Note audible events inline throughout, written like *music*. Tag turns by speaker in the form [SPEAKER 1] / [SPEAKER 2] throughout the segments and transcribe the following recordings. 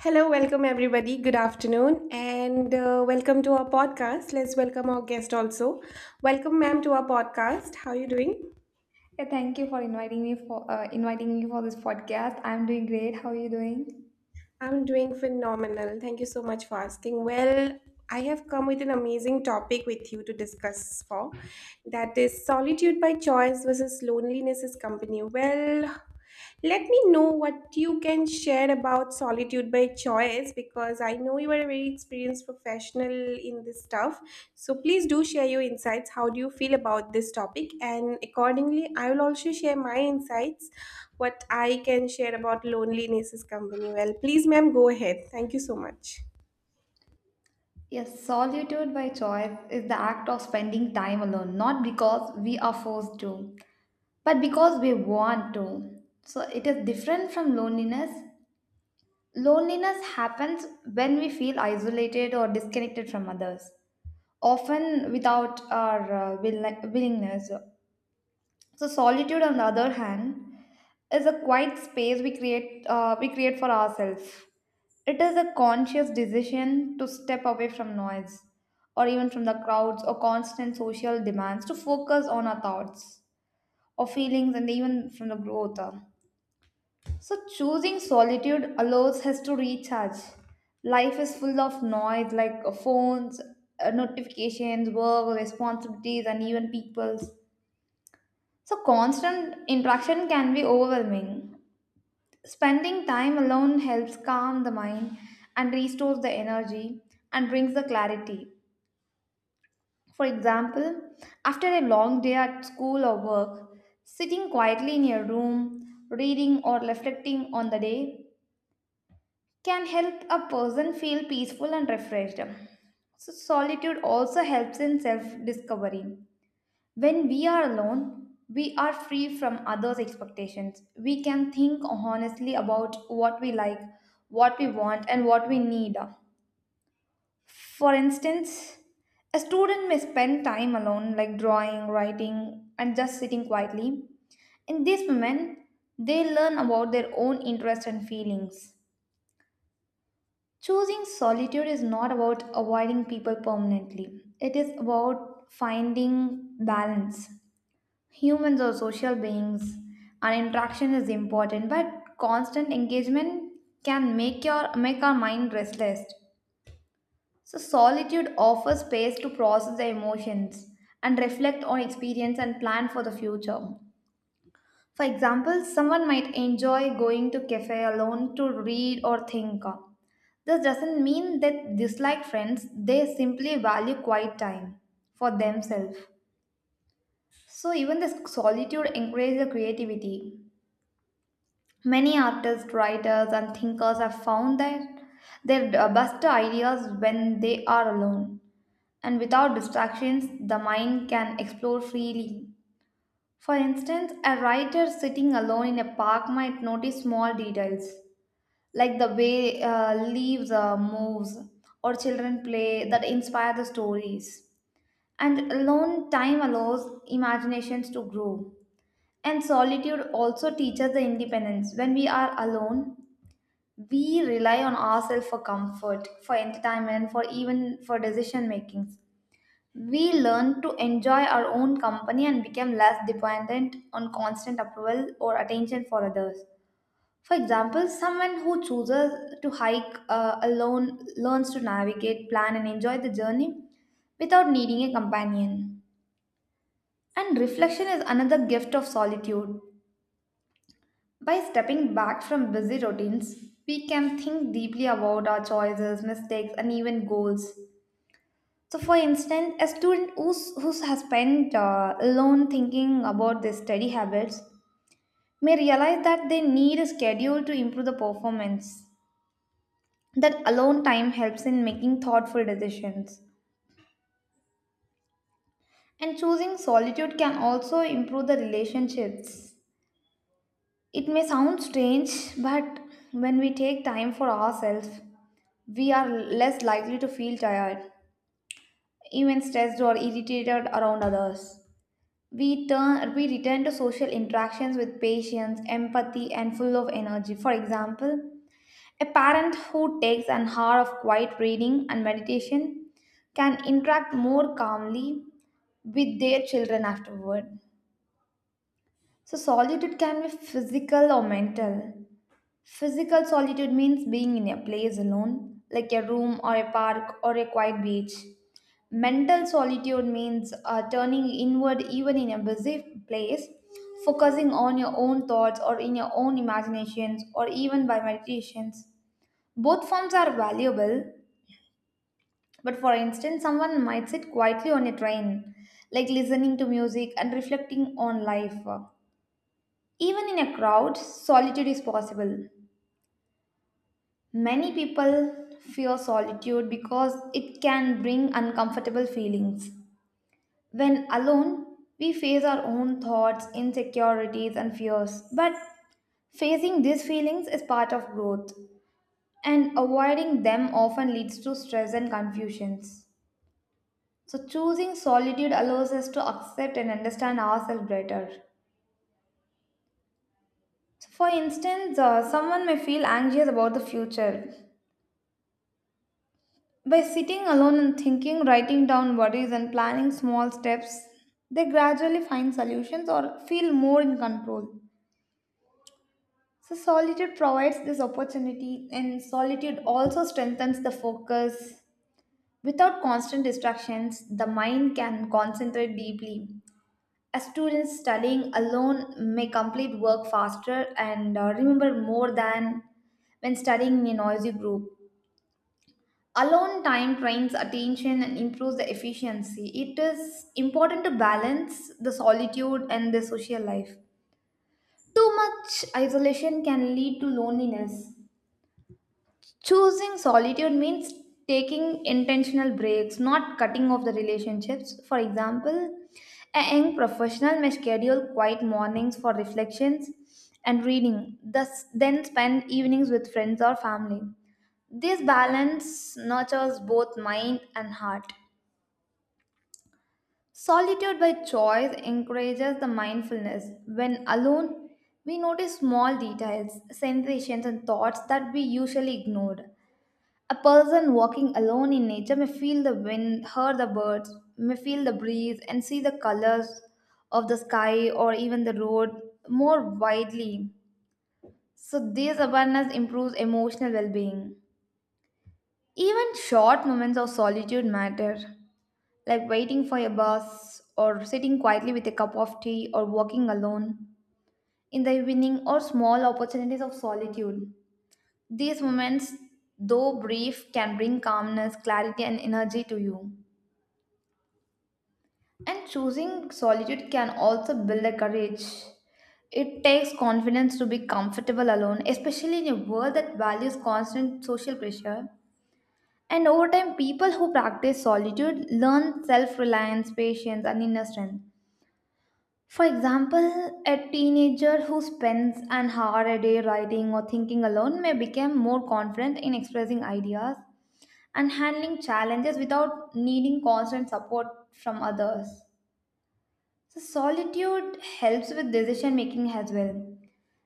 [SPEAKER 1] Hello, welcome everybody. Good afternoon and welcome to our podcast. Let's welcome our guest also. Welcome ma'am to our podcast. How are you doing?
[SPEAKER 2] Yeah, thank you for inviting me for this podcast. I'm doing great. How are you doing?
[SPEAKER 1] I'm doing phenomenal. Thank you so much for asking. Well, I have come with an amazing topic with you to discuss for that is solitude by choice versus loneliness is company. Well, let me know what you can share about solitude by choice because I know you are a very experienced professional in this stuff. So please do share your insights. How do you feel about this topic? And accordingly, I will also share my insights what I can share about loneliness is company. Well, please, ma'am, go ahead. Thank you so much.
[SPEAKER 2] Yes, solitude by choice is the act of spending time alone, not because we are forced to, but because we want to. So it is different from loneliness. Loneliness happens when we feel isolated or disconnected from others, often without our willingness. So solitude, on the other hand, is a quiet space we create for ourselves. It is a conscious decision to step away from noise or even from the crowds or constant social demands to focus on our thoughts or feelings and even from the growth. So, choosing solitude allows us to recharge. Life is full of noise like phones, notifications, work, responsibilities, and even people's. So, constant interaction can be overwhelming. Spending time alone helps calm the mind and restores the energy and brings the clarity. For example, after a long day at school or work, sitting quietly in your room, reading or reflecting on the day can help a person feel peaceful and refreshed. So solitude also helps in self discovery. When we are alone, we are free from others' expectations. We can think honestly about what we like, what we want, and what we need. For instance, a student may spend time alone, like drawing, writing, and just sitting quietly. In this moment, they learn about their own interests and feelings. Choosing solitude is not about avoiding people permanently, it is about finding balance. Humans are social beings, and interaction is important, but constant engagement can make our mind restless. So solitude offers space to process the emotions and reflect on experience and plan for the future. For example, someone might enjoy going to cafe alone to read or think. This doesn't mean that dislike friends, they simply value quiet time for themselves. So even this solitude encourages the creativity. Many artists, writers, and thinkers have found that their best ideas when they are alone and without distractions, the mind can explore freely. For instance, a writer sitting alone in a park might notice small details like the way leaves moves or children play that inspire the stories. And alone time allows imaginations to grow. And solitude also teaches the independence. When we are alone, we rely on ourselves for comfort, for entertainment, for even for decision making. We learn to enjoy our own company and become less dependent on constant approval or attention for others. For example, someone who chooses to hike alone learns to navigate, plan, and enjoy the journey without needing a companion. And reflection is another gift of solitude. By stepping back from busy routines, we can think deeply about our choices, mistakes, and even goals. So, for instance, who has spent alone thinking about their study habits may realize that they need a schedule to improve the performance. That alone time helps in making thoughtful decisions. And choosing solitude can also improve the relationships. It may sound strange, but when we take time for ourselves, we are less likely to feel tired, even stressed or irritated around others. We return to social interactions with patience, empathy, and full of energy. For example, a parent who takes an hour of quiet reading and meditation can interact more calmly with their children afterward. So solitude can be physical or mental. Physical solitude means being in a place alone, like a room or a park or a quiet beach. Mental solitude means turning inward even in a busy place, focusing on your own thoughts or in your own imaginations or even by meditations. Both forms are valuable, but for instance, someone might sit quietly on a train, like listening to music and reflecting on life. Even in a crowd, solitude is possible. Many people fear solitude because it can bring uncomfortable feelings. When alone, we face our own thoughts, insecurities, and fears. But facing these feelings is part of growth, and avoiding them often leads to stress and confusions. So, choosing solitude allows us to accept and understand ourselves better. So, for instance, someone may feel anxious about the future, by sitting alone and thinking, writing down worries, and planning small steps, they gradually find solutions or feel more in control. So, solitude provides this opportunity, and solitude also strengthens the focus. Without constant distractions, the mind can concentrate deeply. A student studying alone may complete work faster and remember more than when studying in a noisy group. Alone time trains attention and improves the efficiency. It is important to balance the solitude and the social life. Too much isolation can lead to loneliness. Choosing solitude means taking intentional breaks, not cutting off the relationships. For example, a young professional may schedule quiet mornings for reflections and reading, thus then spend evenings with friends or family. This balance nurtures both mind and heart. Solitude by choice encourages the mindfulness. When alone, we notice small details, sensations, and thoughts that we usually ignored. A person walking alone in nature may feel the wind, hear the birds, may feel the breeze, and see the colors of the sky or even the road more widely. So, this awareness improves emotional well being. Even short moments of solitude matter like waiting for a bus or sitting quietly with a cup of tea or walking alone in the evening or small opportunities of solitude. These moments, though brief, can bring calmness, clarity, and energy to you. And choosing solitude can also build a courage. It takes confidence to be comfortable alone, especially in a world that values constant social pressure. And over time, people who practice solitude learn self reliance, patience, and inner strength. For example, a teenager who spends an hour a day writing or thinking alone may become more confident in expressing ideas and handling challenges without needing constant support from others. So, solitude helps with decision making as well.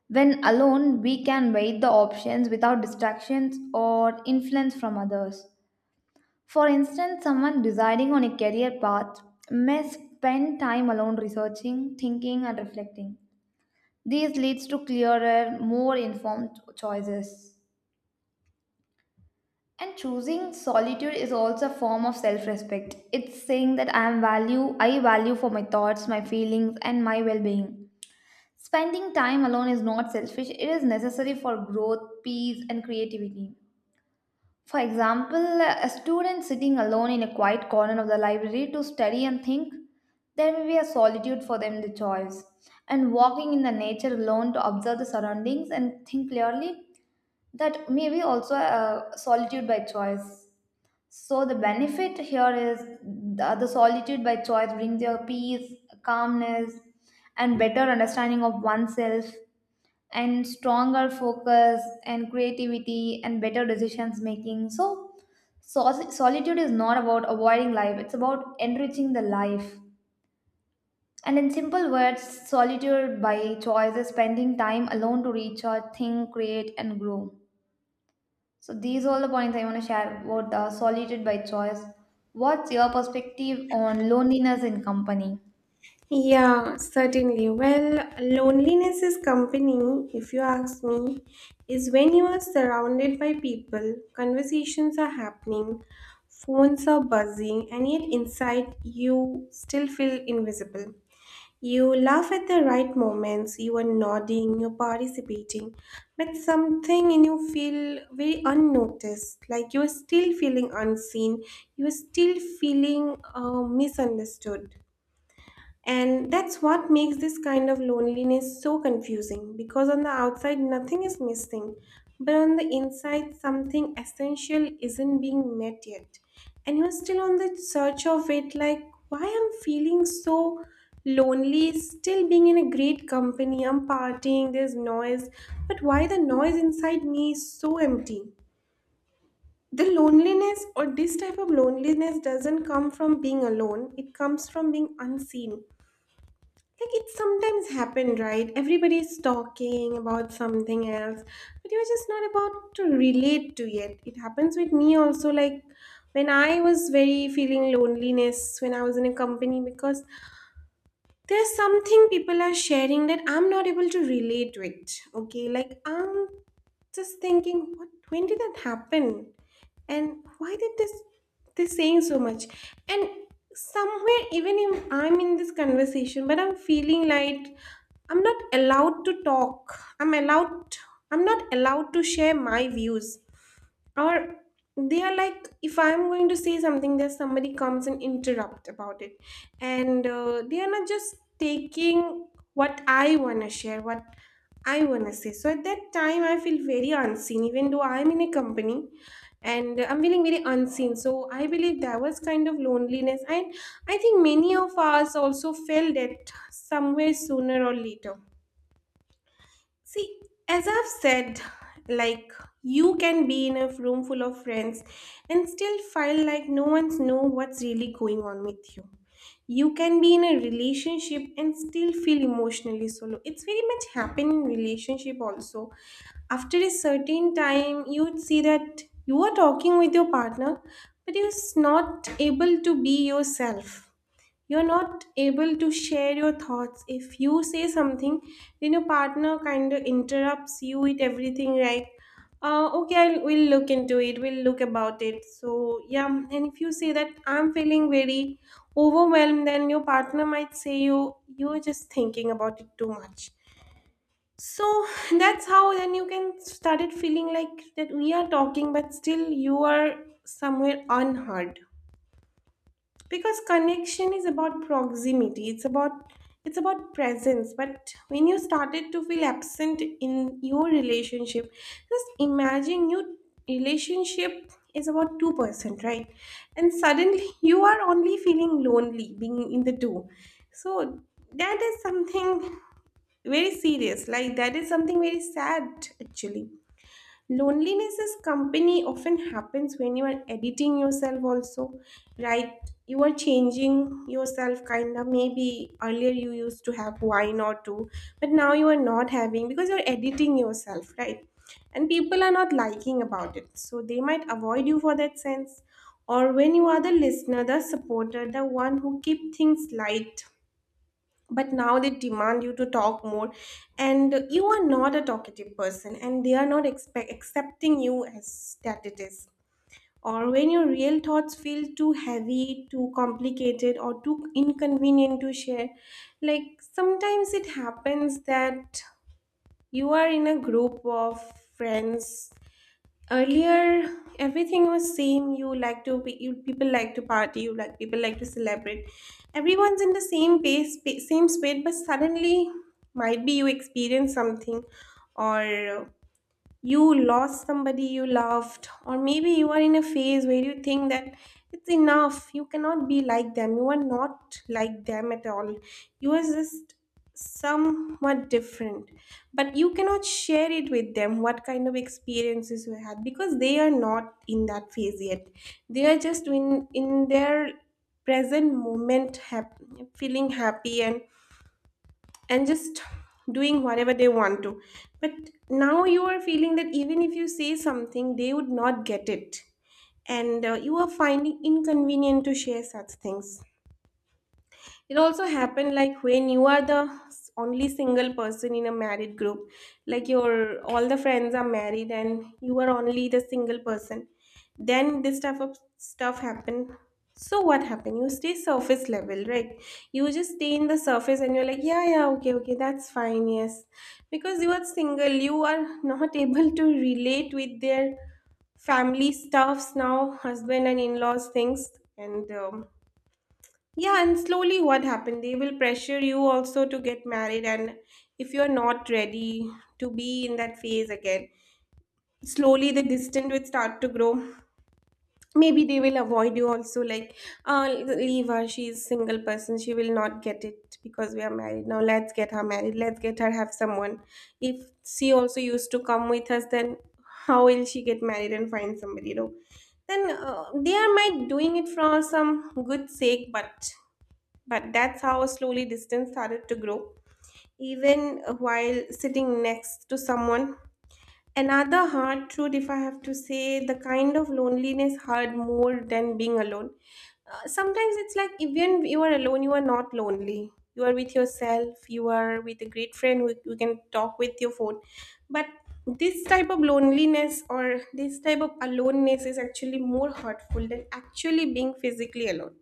[SPEAKER 2] When alone, we can weigh the options without distractions or influence from others. For instance, someone deciding on a career path may spend time alone researching, thinking, and reflecting. This leads to clearer, more informed choices. And choosing solitude is also a form of self-respect. It's saying that I value for my thoughts, my feelings, and my well-being. Spending time alone is not selfish. It is necessary for growth, peace, and creativity. For example, a student sitting alone in a quiet corner of the library to study and think, there may be a solitude for them to choose. And walking in the nature alone to observe the surroundings and think clearly, that maybe also solitude by choice. So the benefit here is the solitude by choice brings your peace, calmness, and better understanding of oneself, and stronger focus and creativity and better decisions making. So solitude is not about avoiding life; it's about enriching the life. And in simple words, solitude by choice is spending time alone to recharge, think, create, and grow. So these are all the points I want to share about the solitude by choice. What's your perspective on loneliness in company?
[SPEAKER 1] Yeah, certainly. Well, loneliness is company, if you ask me, is when you are surrounded by people, conversations are happening, phones are buzzing, and yet inside you still feel invisible. You laugh at the right moments, you are nodding, you're participating, but something in you feel very unnoticed, like you're still feeling unseen, you're still feeling misunderstood. And that's what makes this kind of loneliness so confusing because on the outside nothing is missing, but on the inside something essential isn't being met yet. And you're still on the search of it, like why I'm feeling so lonely, still being in a great company, I'm partying, there's noise, but why the noise inside me is so empty? The loneliness or this type of loneliness doesn't come from being alone, it comes from being unseen. Like, it sometimes happened, right? Everybody's talking about something else, but you're just not about to relate to it. It happens with me also, like when I was very feeling loneliness when I was in a company because there's something people are sharing that I'm not able to relate with. Okay, like I'm just thinking, what, when did that happen? And why did this saying so much? And somewhere even if I'm in this conversation, but I'm feeling like I'm not allowed to talk. I'm allowed, I'm not allowed to share my views, or they are like if I'm going to say something there's somebody comes and interrupt about it, and they are not just taking what I want to share, what I want to say. So at that time I feel very unseen even though I'm in a company and I'm feeling very unseen, so I believe that was kind of loneliness, and I think many of us also felt that somewhere sooner or later. See, as I've said, like you can be in a room full of friends and still feel like no one's know what's really going on with you. You can be in a relationship and still feel emotionally solo. It's very much happen in relationship also. After a certain time, you'd see that you are talking with your partner, but you're not able to be yourself, you're not able to share your thoughts. If you say something, then your partner kind of interrupts you with everything like, okay, I'll, we'll look into it, we'll look about it. So yeah, and if you say that I'm feeling very overwhelmed, then your partner might say you're just thinking about it too much. So that's how then you can started feeling like that we are talking but still you are somewhere unheard, because connection is about proximity, it's about, it's about presence. But when you started to feel absent in your relationship, just imagine, your relationship is about 2-person, right? And suddenly you are only feeling lonely being in the 2. So that is something very serious, like that is something very sad actually. Loneliness is company often happens when you are editing yourself also, right? You are changing yourself kind of, maybe earlier you used to have wine or two, but now you are not having because you're editing yourself, right? And people are not liking about it, so they might avoid you for that sense. Or when you are the listener, the supporter, the one who keep things light, but now they demand you to talk more, and you are not a talkative person and they are not expect accepting you as that it is. Or when your real thoughts feel too heavy, too complicated, or too inconvenient to share, like sometimes it happens that you are in a group of friends, earlier everything was same, you like to be, you people like to party, you like, people like to celebrate, everyone's in the same same space, but suddenly might be you experience something, or you lost somebody you loved, or maybe you are in a phase where you think that it's enough, you cannot be like them, you are not like them at all, you are just somewhat different, but you cannot share it with them what kind of experiences you had because they are not in that phase yet, they are just in their present moment feeling happy and just doing whatever they want to. But now you are feeling that even if you say something, they would not get it. And you are finding inconvenient to share such things. It also happened like when you are the only single person in a married group, like your all the friends are married and you are only the single person, then this type of stuff happen. So what happened, you stay surface level, right? You just stay in the surface and you're like, yeah yeah, okay okay, that's fine, yes, because you are single, you are *laughs* not able to relate with their family stuffs now, husband and in-laws things. And yeah, and slowly what happened? They will pressure you also to get married, and if you're not ready to be in that phase again, slowly the distance will start to grow. Maybe they will avoid you also, like, leave her, she's single person, she will not get it because we are married. Now let's get her married, let's get her have someone. If she also used to come with us, then how will she get married and find somebody, you know? Then they are might doing it for some good sake, but that's how slowly distance started to grow, even while sitting next to someone. Another hard truth, if I have to say, the kind of loneliness hurt more than being alone. Sometimes it's like even you are alone, you are not lonely. You are with yourself, you are with a great friend who you can talk with your phone. But this type of loneliness or this type of aloneness is actually more hurtful than actually being physically alone,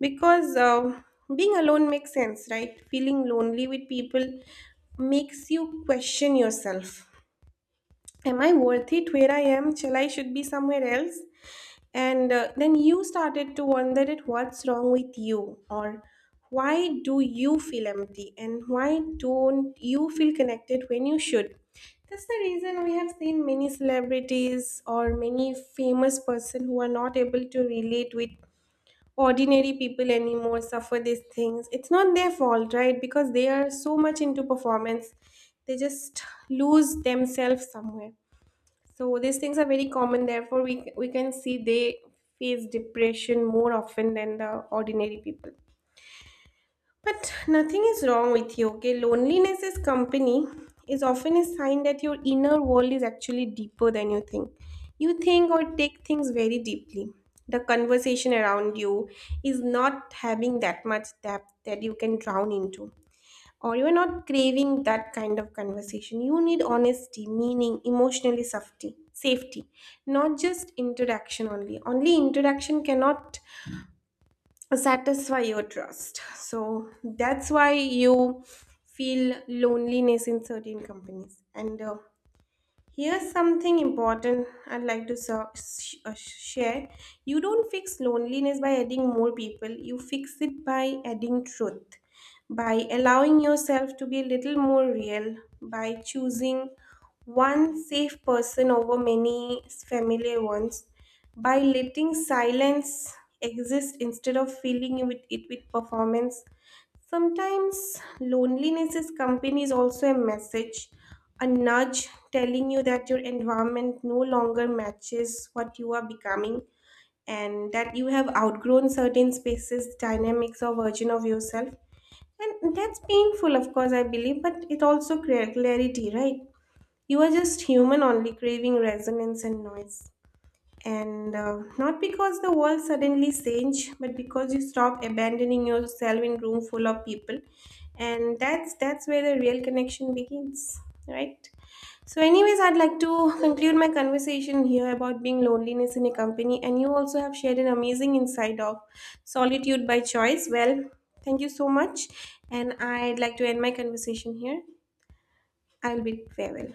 [SPEAKER 1] because being alone makes sense, right? Feeling lonely with people makes you question yourself. Am I worth it? Where I am? Shall I should be somewhere else? And then you started to wonder at what's wrong with you, or why do you feel empty, and why don't you feel connected when you should. That's the reason we have seen many celebrities or many famous person who are not able to relate with ordinary people anymore suffer these things. It's not their fault, right? Because they are so much into performance, they just lose themselves somewhere. So these things are very common, therefore we can see they face depression more often than the ordinary people. But nothing is wrong with you, okay? Loneliness is company is often a sign that your inner world is actually deeper than you think. You think or take things very deeply. The conversation around you is not having that much depth that you can drown into. Or you're not craving that kind of conversation. You need honesty, meaning, emotionally safety, safety, not just interaction only. Only interaction cannot satisfy your trust. So that's why you feel loneliness in certain companies. And here's something important I'd like to share. You don't fix loneliness by adding more people, you fix it by adding truth, by allowing yourself to be a little more real, by choosing one safe person over many familiar ones, by letting silence exist instead of filling it with performance. Sometimes loneliness is company is also a message, a nudge telling you that your environment no longer matches what you are becoming, and that you have outgrown certain spaces, dynamics, or version of yourself. And that's painful, of course, I believe, but it also creates clarity, right? You are just human only craving resonance and noise, and not because the world suddenly change but because you stop abandoning yourself in room full of people. And that's where the real connection begins, right? So anyways, I'd like to conclude my conversation here about being loneliness in a company, and you also have shared an amazing insight of solitude by choice. Well, thank you so much, and I'd like to end my conversation here. I'll bid farewell.